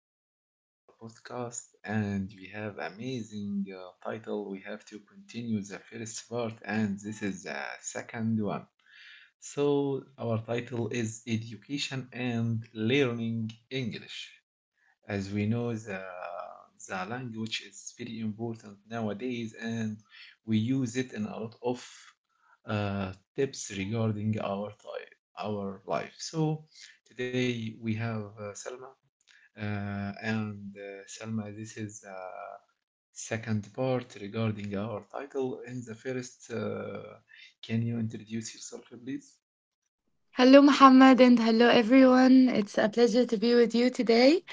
gonna start our podcast and we have amazing title We have to continue the first part and this is the second one. So our title is Education and Learning English. As we know, the language is very important nowadays and we use it in a lot of tips regarding our time, our life. So today we have Salma. And Selma, this is second part regarding our title. In the first, can you introduce yourself, please? Hello, Muhammad, and hello, everyone. It's a pleasure to be with you today.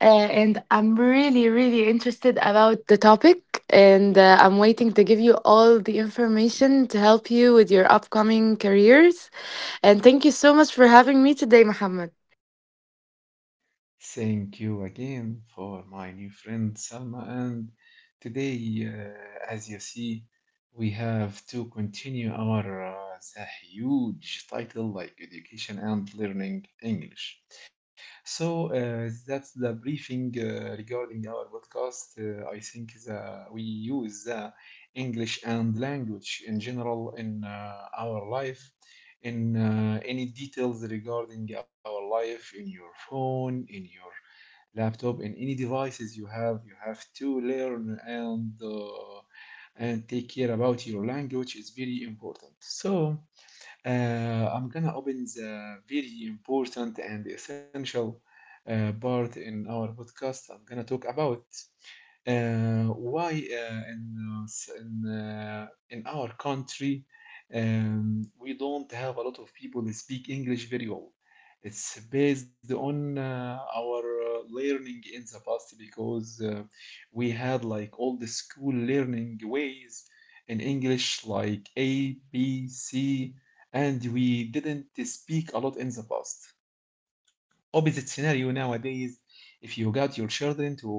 And I'm really, really interested about the topic. And I'm waiting to give you all the information to help you with your upcoming careers. And thank you so much for having me today, Muhammad. Thank you again for my new friend Salma. And today, as you see, we have to continue our the huge title like Education and Learning English. So that's the briefing regarding our podcast. I think we use the English and language in general in our life in any details regarding our life in your phone, in your laptop and any devices you have to learn and take care about your language is very important. So I'm gonna open the very important and essential part in our podcast. I'm gonna talk about why in s- in our country we don't have a lot of people that speak English very well. It's based on our learning in the past because we had like all the school learning ways in English like A, B, C, and we didn't speak a lot in the past, opposite scenario nowadays. If you got your children to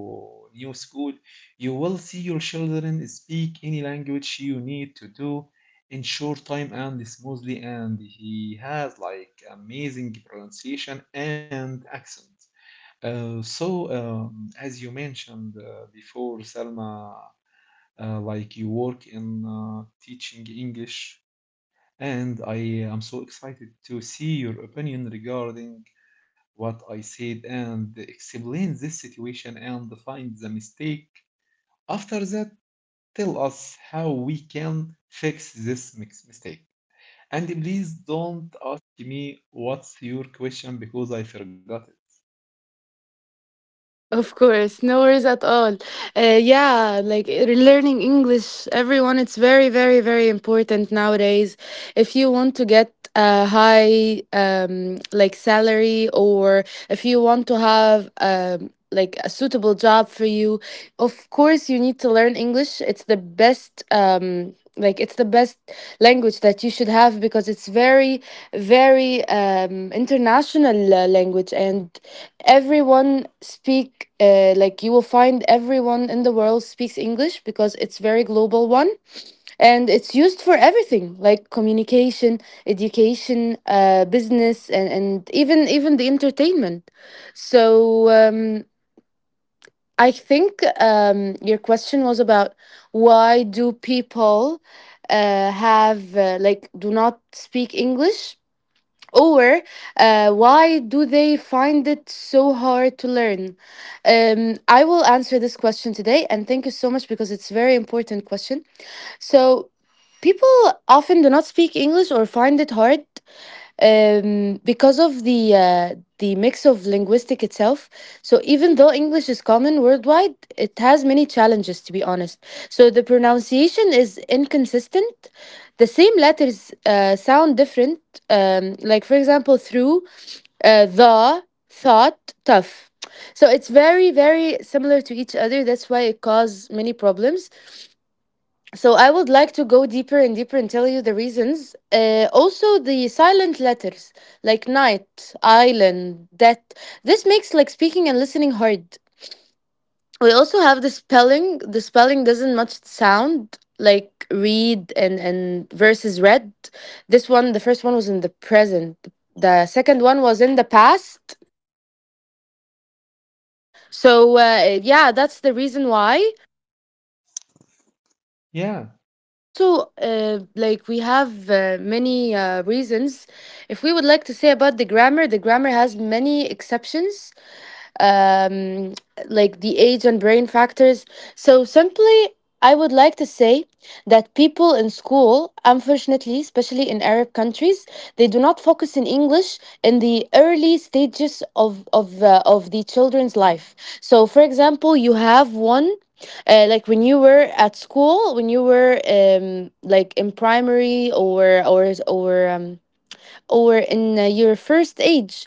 new school, you will see your children speak any language you need to do in short time and smoothly, and he has like amazing pronunciation and accent. Uh, so, as you mentioned before, Salma, like you work in teaching English, and I am so excited to see your opinion regarding what I said and explain this situation and find the mistake. After that, tell us how we can fix this mix mistake. And please don't ask me what's your question because I forgot it. Of course, no worries at all. Learning English, everyone, it's very, very, very important nowadays. If you want to get a high like salary, or if you want to have like a suitable job for you, of course you need to learn English. It's the best. Like it's the best language that you should have because it's very very international language, and everyone speak like, you will find everyone in the world speaks english because it's very global one, and it's used for everything like communication, education, business, and even the entertainment. so um, I think your question was about, why do people have like, do not speak English, or why do they find it so hard to learn? I will answer this question today, and thank you so much because it's a very important question. So people often do not speak English or find it hard because of the mix of linguistic itself. So even though English is common worldwide, it has many challenges, to be honest. So the pronunciation is inconsistent. The same letters sound different. Like, for example, through, the thought, tough. So it's very very similar to each other. That's why it causes many problems. So I would like to go deeper and deeper and tell you the reasons. Also, the silent letters like night, island, that this makes like speaking and listening hard. We also have the spelling. The spelling doesn't much sound like read, and versus read. This one, the first one was in the present. The second one was in the past. So yeah, that's the reason why. Yeah, Also like we have many reasons. If we would like to say about the grammar, the grammar has many exceptions, um, like the age and brain factors. So simply, I would like to say that people in school, unfortunately, especially in Arab countries, they do not focus in English in the early stages of the children's life. So, for example, you have one. Like when you were at school, when you were like in primary or in your first age,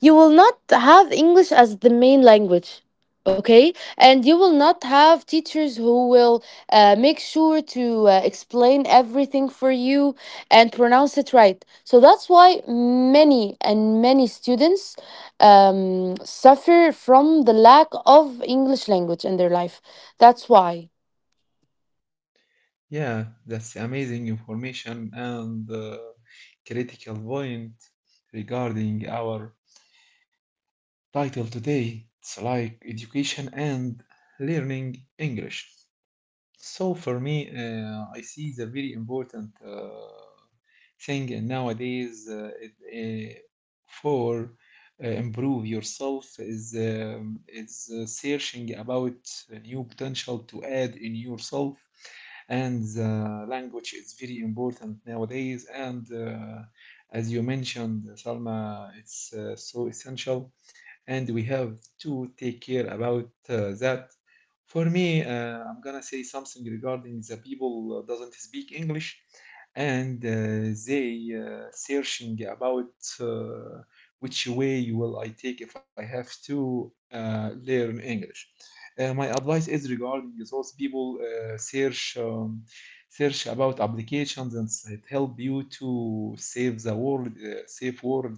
you will not have English as the main language. Okay, and you will not have teachers who will make sure to explain everything for you and pronounce it right. So that's why many and many students suffer from the lack of English language in their life. That's why. yeah, that's amazing information and critical point regarding our title today. It's like education and learning English. So for me, I see the very important thing nowadays it, for improve yourself is searching about a new potential to add in yourself, and the language is very important nowadays. And as you mentioned, Salma, it's so essential, and we have to take care about that. For me, I'm gonna say something regarding the people doesn't speak English and they searching about uh, which way will I take if I have to learn English. My advice is regarding those people search about applications, and it help you to save the world, save world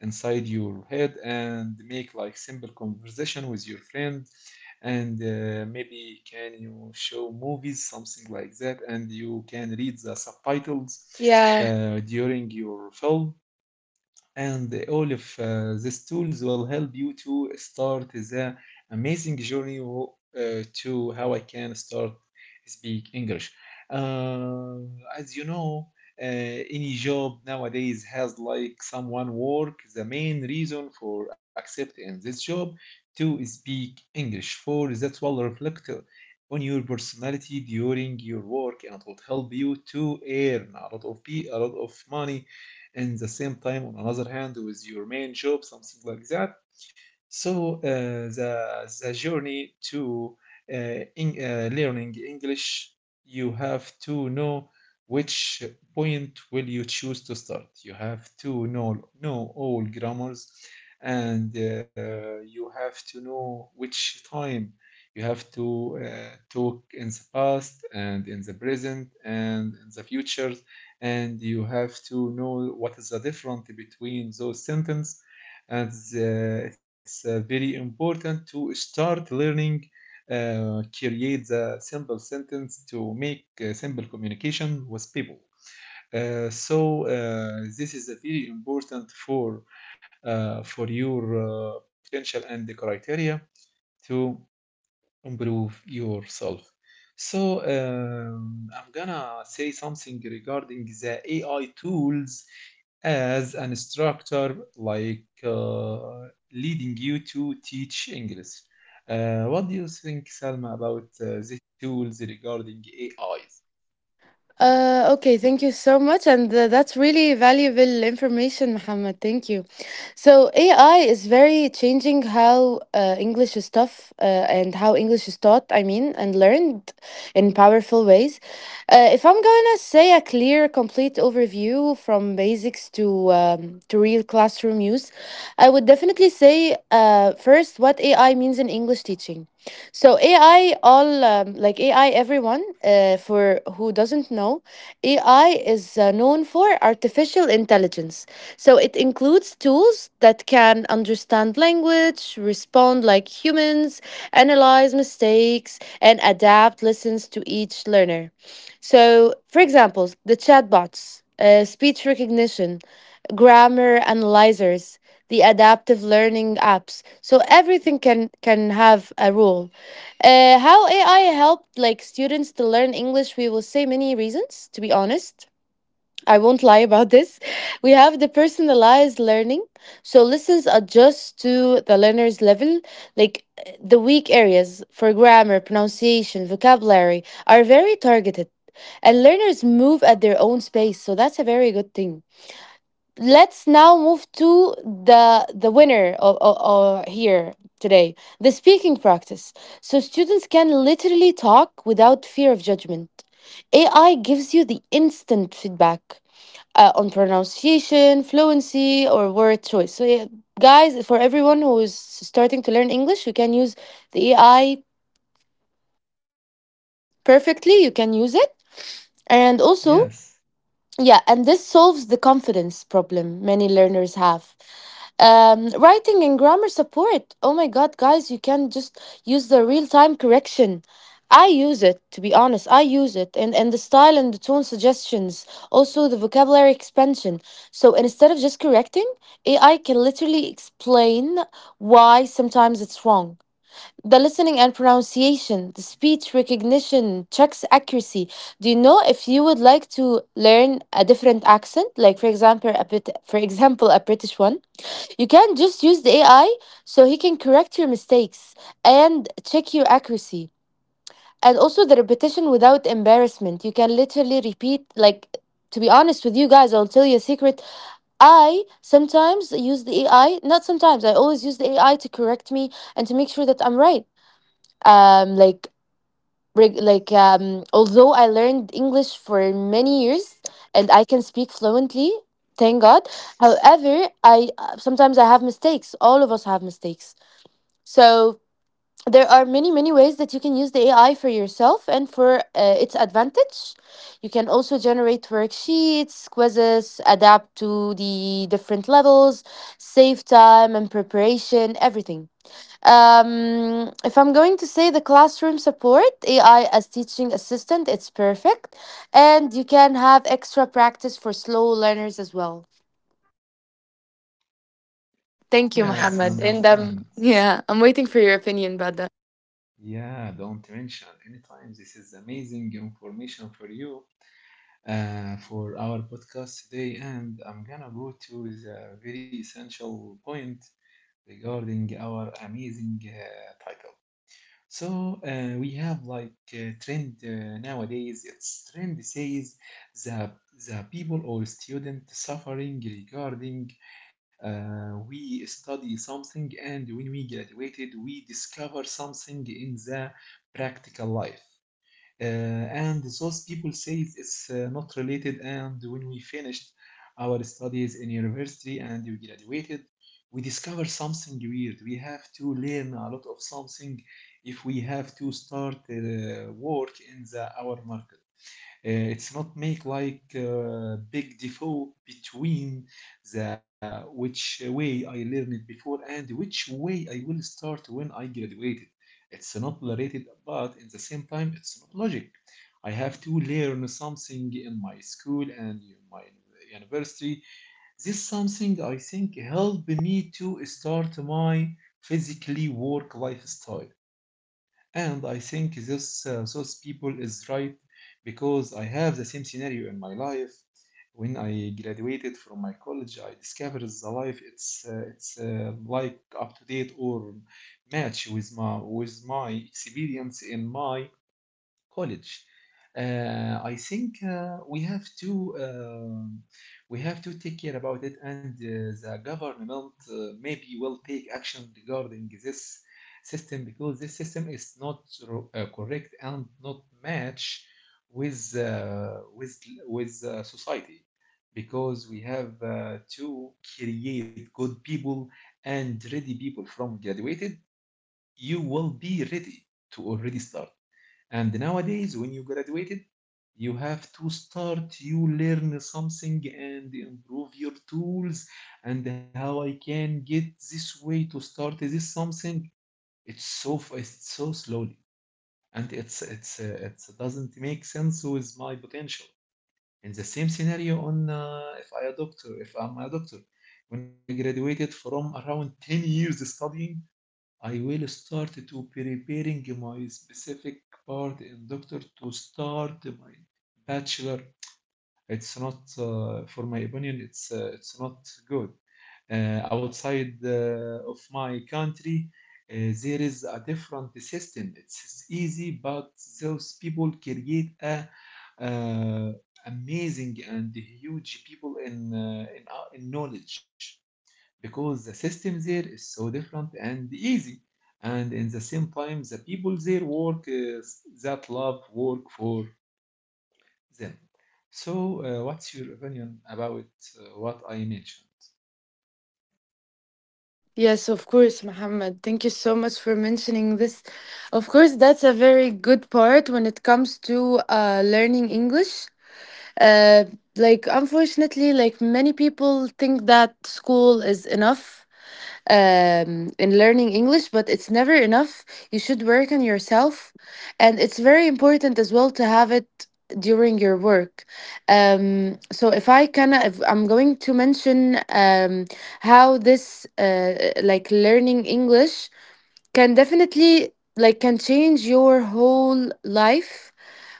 inside your head and make like simple conversation with your friend, and maybe can you show movies something like that and you can read the subtitles Yeah. During your film, and all of these tools will help you to start the amazing journey, to how I can start speak English. Uh, as you know, any job nowadays has like someone work. The main reason for accepting this job to speak English, for that will reflect on your personality during your work and will help you to earn a lot of money, and the same time on another hand with your main job something like that. So the journey to learning English, you have to know which point will you choose to start. You have to know all grammars, and you have to know which time you have to talk in the past and in the present and in the future, and you have to know what is the difference between those sentences. And it's very important to start learning, create the simple sentence to make simple communication with people. This is a very important for your potential and the criteria to improve yourself. So I'm gonna say something regarding the AI tools as an instructor, like leading you to teach English. What do you think, Salma, about the tools regarding AIs? Okay, thank you so much. And that's really valuable information, Muhammad. Thank you. So, AI is very changing how English is taught, I mean, and learned in powerful ways. If I'm going to say a clear, complete overview from basics to real classroom use, I would definitely say first what AI means in English teaching. So AI, all like AI, everyone, for who doesn't know, AI is known for artificial intelligence. So it includes tools that can understand language, respond like humans, analyze mistakes, and adapt lessons to each learner. So, for example, the chatbots, speech recognition, grammar analyzers, the adaptive learning apps. So everything can have a role. How AI helped like students to learn English, we will say many reasons, to be honest. I won't lie about this. We have the personalized learning. So lessons adjust to the learner's level. Like the weak areas for grammar, pronunciation, vocabulary are very targeted. And learners move at their own space. So that's a very good thing. Let's now move to the winner of here today, the speaking practice. So students can literally talk without fear of judgment. AI gives you the instant feedback on pronunciation, fluency, or word choice. So yeah, guys, for everyone who is starting to learn english, you can use the AI perfectly. You can use it, and also, Yes, yeah, and this solves the confidence problem many learners have. Writing and grammar support. Oh my god, guys, you can just use the real time correction. I use it, to be honest. I use it. And the style and the tone suggestions, also the vocabulary expansion. So instead of just correcting, AI can literally explain why sometimes it's wrong. The listening and pronunciation, the speech recognition, checks accuracy. Do you know if you would like to learn a different accent, like for example a bit, for example a British one? You can just use the AI so he can correct your mistakes and check your accuracy. And also the repetition without embarrassment. You can literally repeat, like, to be honest with you guys, I'll tell you a secret. I sometimes use the AI, not sometimes, I always use the AI to correct me and to make sure that I'm right. um like Although I learned english for many years and I can speak fluently, thank god. However, I sometimes I have mistakes. All of us have mistakes. So there are many many ways that you can use the ai for yourself and for its advantage. You can also generate worksheets, quizzes, adapt to the different levels, save time and preparation, everything. If I'm going to say the classroom support, AI as teaching assistant, it's perfect. And you can have extra practice for slow learners as well. Thank you, yes, I Mohammed. Yes. And understand. Yeah, I'm waiting for your opinion about that. Yeah, don't mention anytime. This is amazing information for you, for our podcast today, and I'm gonna go to the very essential point regarding our amazing title. So we have like trend nowadays. It's trend says the the people or student suffering regarding. We study something, and when we graduated, we discover something in the practical life. And those people say it's not related. And when we finished our studies in university and we graduated, we discover something weird. We have to learn a lot of something if we have to start work in the our market. It's not make like big default between the which way I learned it before and which way I will start when I graduated. It's not related, but in the same time, it's not logic. I have to learn something in my school and in my university. This something I think helped me to start my physically work lifestyle. And I think this those people is right because I have the same scenario in my life. When I graduated from my college, I discovered the life it's like up to date or match with my experience in my college. I think um we have to take care about it, and the government maybe will take action regarding this system because this system is not correct and not match with society because we have to create good people and ready people from graduated. You will be ready to already start. And nowadays, when you graduated, you have to start, you learn something and improve your tools and how I can get this way to start this something. It's so slowly and it's doesn't make sense with my potential. In the same scenario on if I'm a doctor, when I graduated from around 10 years studying, I will start to preparing my specific part in doctor to start my bachelor. It's not, for my opinion, it's not good. Outside of my country, there is a different system. It's easy, but those people create a uh, amazing and huge people in in knowledge because the system there is so different and easy. And in the same time, the people there work that love work for them. So, what's your opinion about what I mentioned? Yes, of course, Mohammed. Thank you so much for mentioning this. Of course, that's a very good part when it comes to learning English. Uh, like, unfortunately, like many people think that school is enough in learning English, but it's never enough. You should work on yourself, and it's very important as well to have it during your work. So if I can, if I'm going to mention how this like, learning English can definitely like can change your whole life.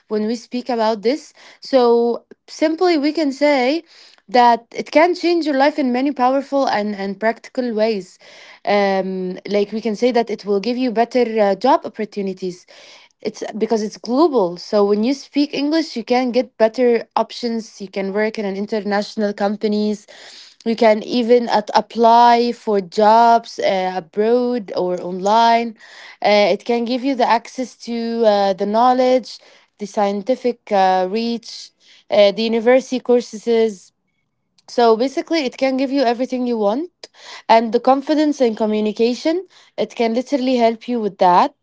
When we speak about this, so simply we can say that it can change your life in many powerful and practical ways. Like we can say that it will give you better job opportunities. It's because it's global. So when you speak English, you can get better options. You can work in an international companies. You can even at apply for jobs abroad or online. It can give you the access to the knowledge, the scientific reach, the university courses. So basically, it can give you everything you want, and the confidence and communication. It can literally help you with that.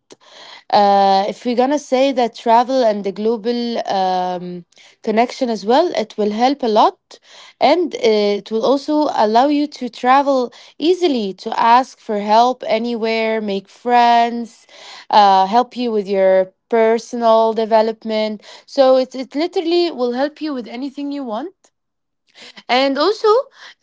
If we're gonna say that travel and the global connection as well, it will help a lot, and it will also allow you to travel easily, to ask for help anywhere, make friends, help you with your personal development. So it literally will help you with anything you want. And also,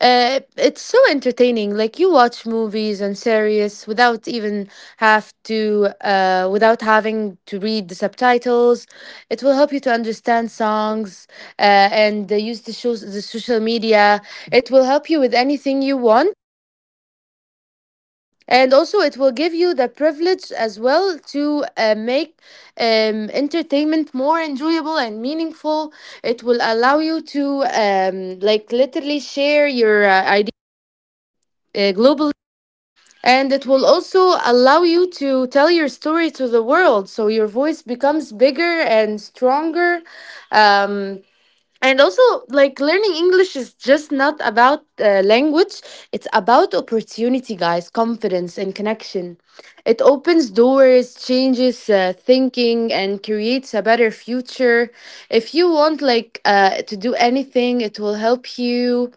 it's so entertaining. Like, you watch movies and series without even without having to read the subtitles. It will help you to understand songs and use the shows, the social media. It will help you with anything you want. And also, it will give you the privilege as well to make entertainment more enjoyable and meaningful. It will allow you to like literally share your globally. And it will also allow you to tell your story to the world, so your voice becomes bigger and stronger. um, and also, like, learning english is just not about language. It's about opportunity, guys, confidence and connection. It opens doors, changes thinking, and creates a better future. If you want, like, to do anything, it will help you.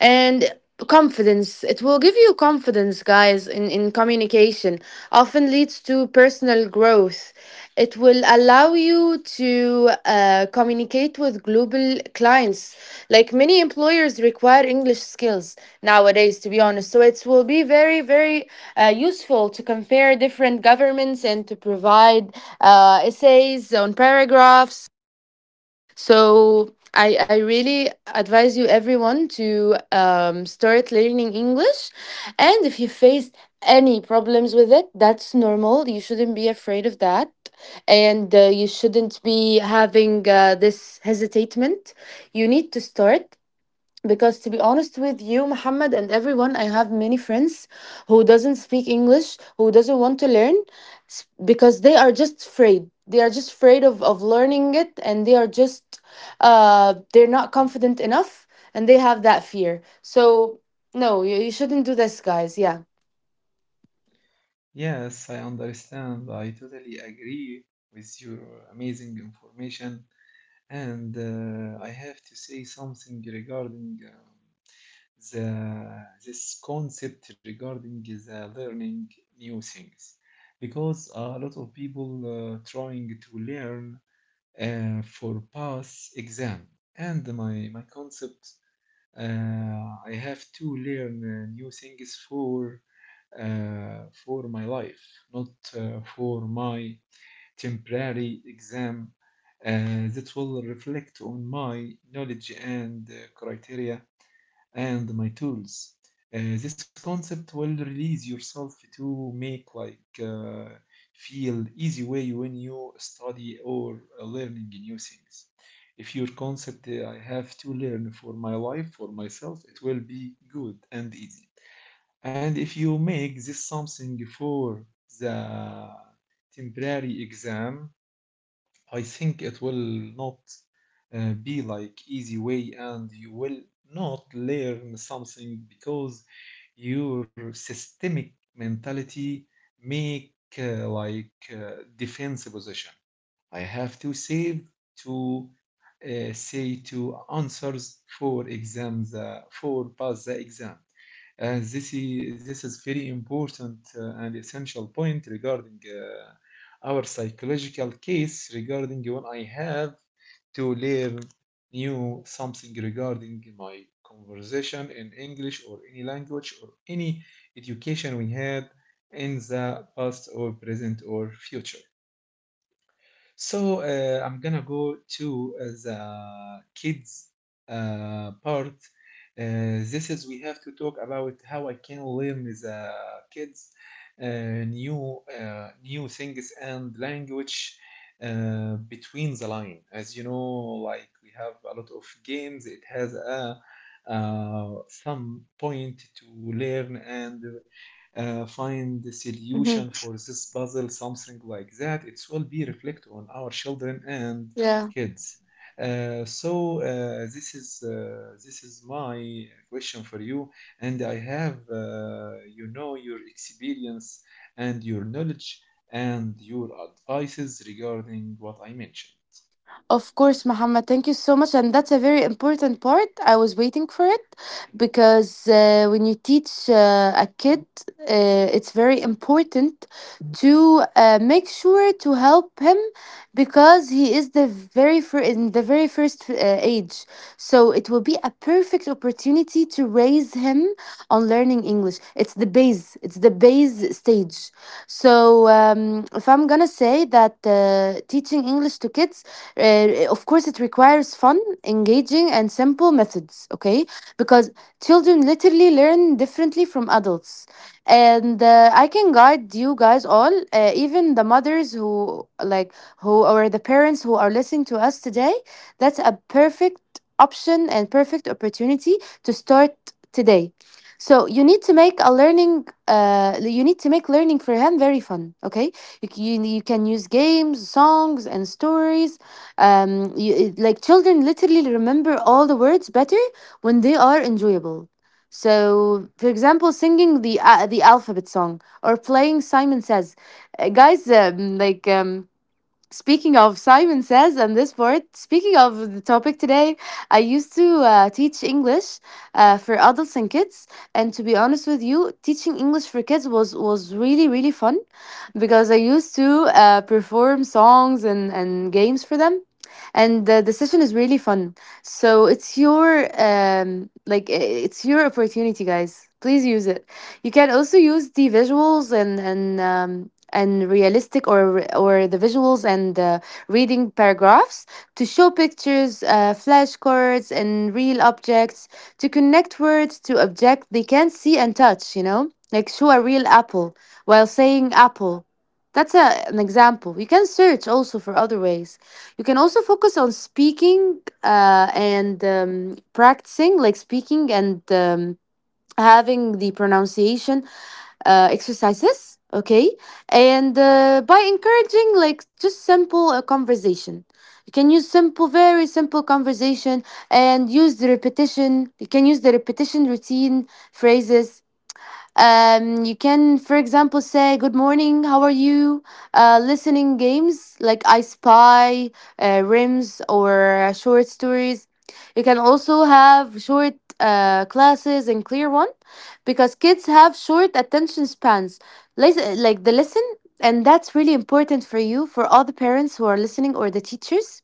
And confidence, it will give you confidence, guys, in communication often leads to personal growth. It will allow you to communicate with global clients. Like, many employers require english skills nowadays, to be honest. So it will be very very useful to compare different governments and to provide essays on paragraphs. So I really advise you everyone to start learning English. And if you face any problems with it, that's normal. You shouldn't be afraid of that. And you shouldn't be having this hesitatement. You need to start because, to be honest with you, Muhammad, and everyone, I have many friends who doesn't speak English, who doesn't want to learn because they are just afraid. They are just afraid of learning it, and they are just they're not confident enough, and they have that fear. So no, you shouldn't do this, guys. Yeah. Yes, I understand. I totally agree with your amazing information. And I have to say something regarding the this concept regarding the learning new things because a lot of people trying to learn for pass exam, and my concept, uh, I have to learn new things for my life, not for my temporary exam that will reflect on my knowledge and criteria and my tools. This concept will release yourself to make like feel easy way when you study or learning new things. If your concept, I have to learn for my life, for myself, it will be good and easy. And if you make this something for the temporary exam, I think it will not be like easy way, and you will not learn something because your systemic mentality make defense position. I have to save to say to answers for exams for pass the exam. This is this is very important and essential point regarding our psychological case regarding when I have to learn new something regarding my conversation in English or any language or any education we had in the past or present or future. So I'm gonna go to the kids part. This is we have to talk about how I can learn the kids new things and language between the line. As you know, like we have a lot of games. It has a some point to learn and find the Hmm. solution for this puzzle, something like that. It will be reflect on our children and Yeah. kids. So this is my question for you, and I have you know your experience and your knowledge and your advices regarding what I mentioned. Of course, Muhammad, thank you so much. And that's a very important part. I was waiting for it because when you teach a kid, it's very important to make sure to help him, because he is the in the very first age. So it will be a perfect opportunity to raise him on learning English. It's the base stage. So if I'm gonna say that teaching English to kids, of course, it requires fun, engaging, and simple methods, okay? Because children literally learn differently from adults. And I can guide you guys all, even the mothers who, like, who, or the parents who are listening to us today. That's a perfect option and perfect opportunity to start today. So you need to make a learning. You need to make learning for him very fun. Okay, you can use games, songs, and stories. um, you, like, children literally remember all the words better when they are enjoyable. So, for example, singing the the alphabet song or playing Simon Says. Guys, like Speaking of Simon Says and this word, speaking of the topic today, I used to teach English for adults and kids. And to be honest with you, teaching English for kids was really, really fun because I used to perform songs and games for them. And the session is really fun. So it's your, like, it's your opportunity, guys. Please use it. You can also use the visuals and realistic, or the visuals and reading paragraphs, to show pictures, flashcards, and real objects, to connect words to objects they can see and touch. You know, like, show a real apple while saying apple. That's a, an example. You can search also for other ways. You can also focus on speaking and practicing, like speaking, and having the pronunciation exercises, okay? And by encouraging, like, just simple conversation. You can use simple, very simple conversation, and use the repetition. You can use the repetition, routine phrases. You can, for example, say "Good morning, how are you?" Listening games like I Spy, Rims, or short stories. You can also have short classes and clear one, because kids have short attention spans. Listen, like, the listen, and that's really important for you, for all the parents who are listening or the teachers.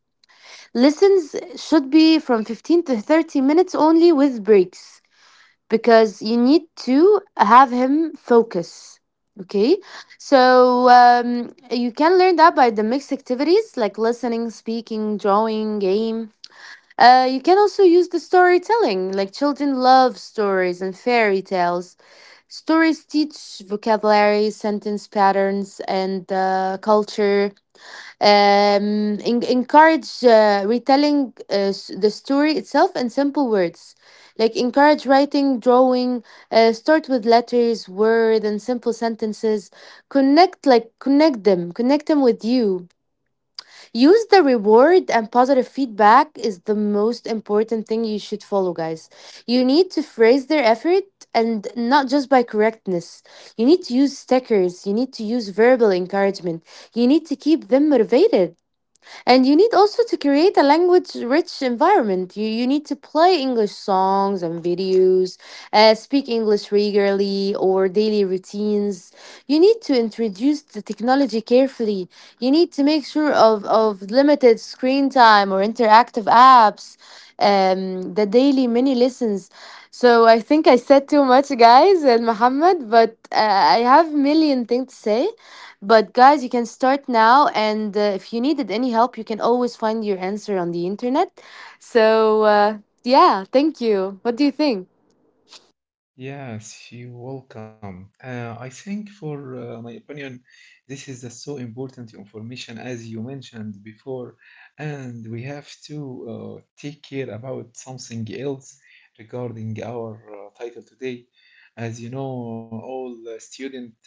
Listens should be from 15 to 30 minutes only, with breaks, because you need to have him focus, okay? So you can learn that by the mixed activities, like listening, speaking, drawing game. You can also use the storytelling. Like, children love stories and fairy tales. Stories teach vocabulary, sentence patterns, and culture. Encourage retelling the story itself in simple words. Like, encourage writing, drawing, start with letters, word, and simple sentences. Like connect them with you. Use the reward and positive feedback is the most important thing you should follow, guys. You need to phrase their effort, and not just by correctness. You need to use stickers. You need to use verbal encouragement. You need to keep them motivated, and you need also to create a language rich environment. You need to play English songs and videos, speak English regularly or daily routines. You need to introduce the technology carefully. You need to make sure of limited screen time or interactive apps, the daily mini lessons. So I think I said too much, guys, and Muhammad, but I have million things to say. But guys, you can start now, and if you needed any help, you can always find your answer on the internet. So, yeah, thank you. What do you think? Yes, you're welcome. I think, for my opinion, this is a so important information as you mentioned before, and we have to take care about something else regarding our title today. As you know, all the student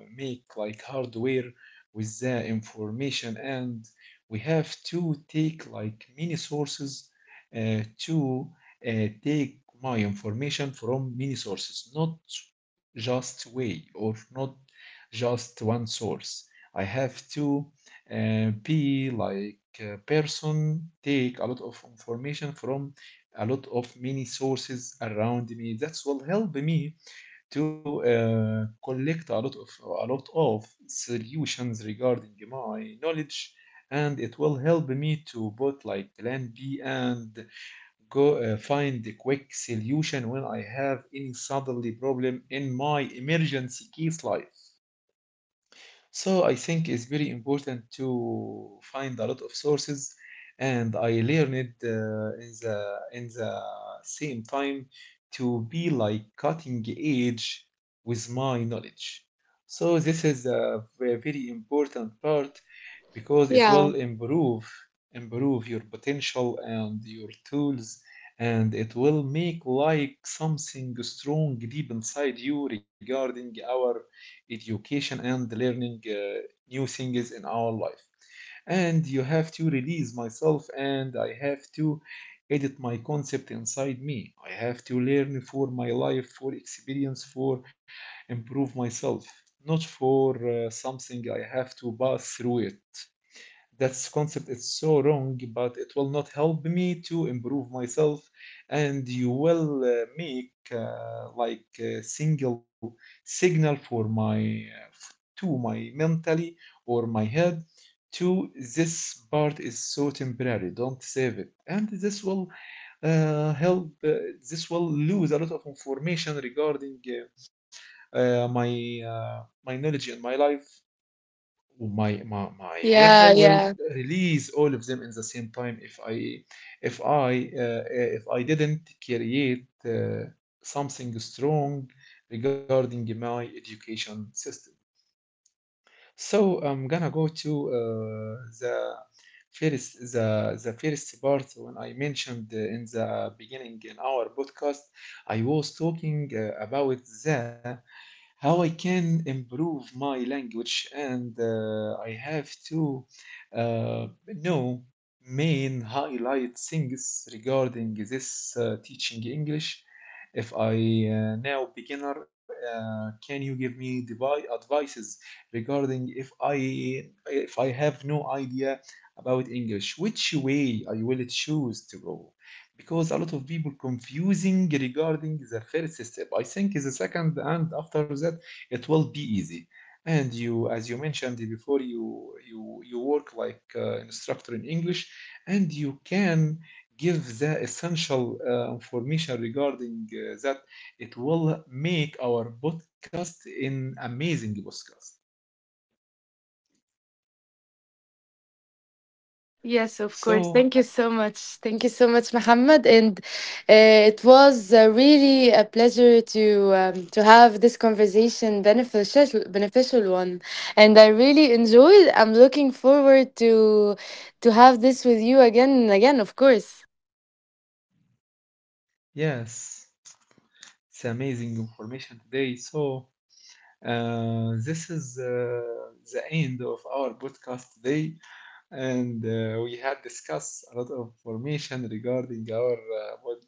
make like hardware with the information, and we have to take like many sources to take my information from many sources, not just way or not just one source. I have to be like a person, take a lot of information from a lot of many sources around me. That will help me to collect a lot of a lot of solutions regarding my knowledge, and it will help me to both like plan B and go find a quick solution when I have any suddenly problem in my emergency case life. So I think it's very important to find a lot of sources, and I learned in the same time to be like cutting edge with my knowledge. So this is a very important part because it Yeah, will improve your potential and your tools, and it will make like something strong deep inside you regarding our education and learning new things in our life. And you have to release myself and I have to edit my concept inside me. I have to learn for my life, for experience, for improve myself, not for something I have to pass through it. That's concept is so wrong, but it will not help me to improve myself, and you will make like a single signal for my to my mentally or my head to this part is so temporary. Don't save it, and this will help. This will lose a lot of information regarding my knowledge in my life my yeah, mental will yeah. release all of them in the same time if I if I didn't create something strong regarding my education system. So I'm gonna go to the the first part when I mentioned in the beginning in our podcast, I was talking about the how I can improve my language, and I have to know main highlight things regarding this teaching English. If I now beginner, can you give me advices regarding I if I have no idea about English, which way I will choose to go? Because a lot of people confusing regarding the first step. I think the second, and after that it will be easy. And you, as you mentioned before, you work like instructor in English, and you can give the essential information regarding that. It will make our podcast an amazing podcast. Yes, of course. So, Thank you so much. Thank you so much, Muhammad. And it was really a pleasure to have this conversation, beneficial one. And I really enjoyed. I'm looking forward to have this with you again and again. Of course. yes, it's amazing information today. So, this is the end of our podcast today, and we had discussed a lot of information regarding our what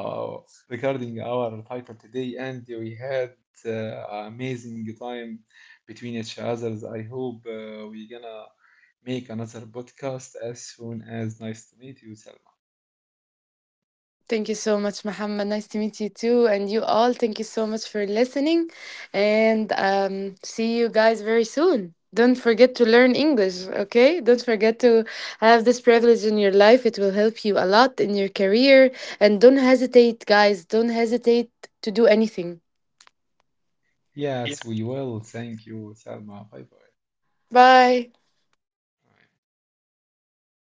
uh, regarding our title today, and we had uh, an amazing time between each others. I hope we're gonna make another podcast as soon as. Nice to meet you, Selma. Thank you so much, Muhammad. Nice to meet you too, and you all. Thank you so much for listening, and see you guys very soon. Don't forget to learn English, okay? Don't forget to have this privilege in your life. It will help you a lot in your career. And don't hesitate, guys. Don't hesitate to do anything. Yes, Yeah. we will. Thank you, Selma. Bye bye. Bye.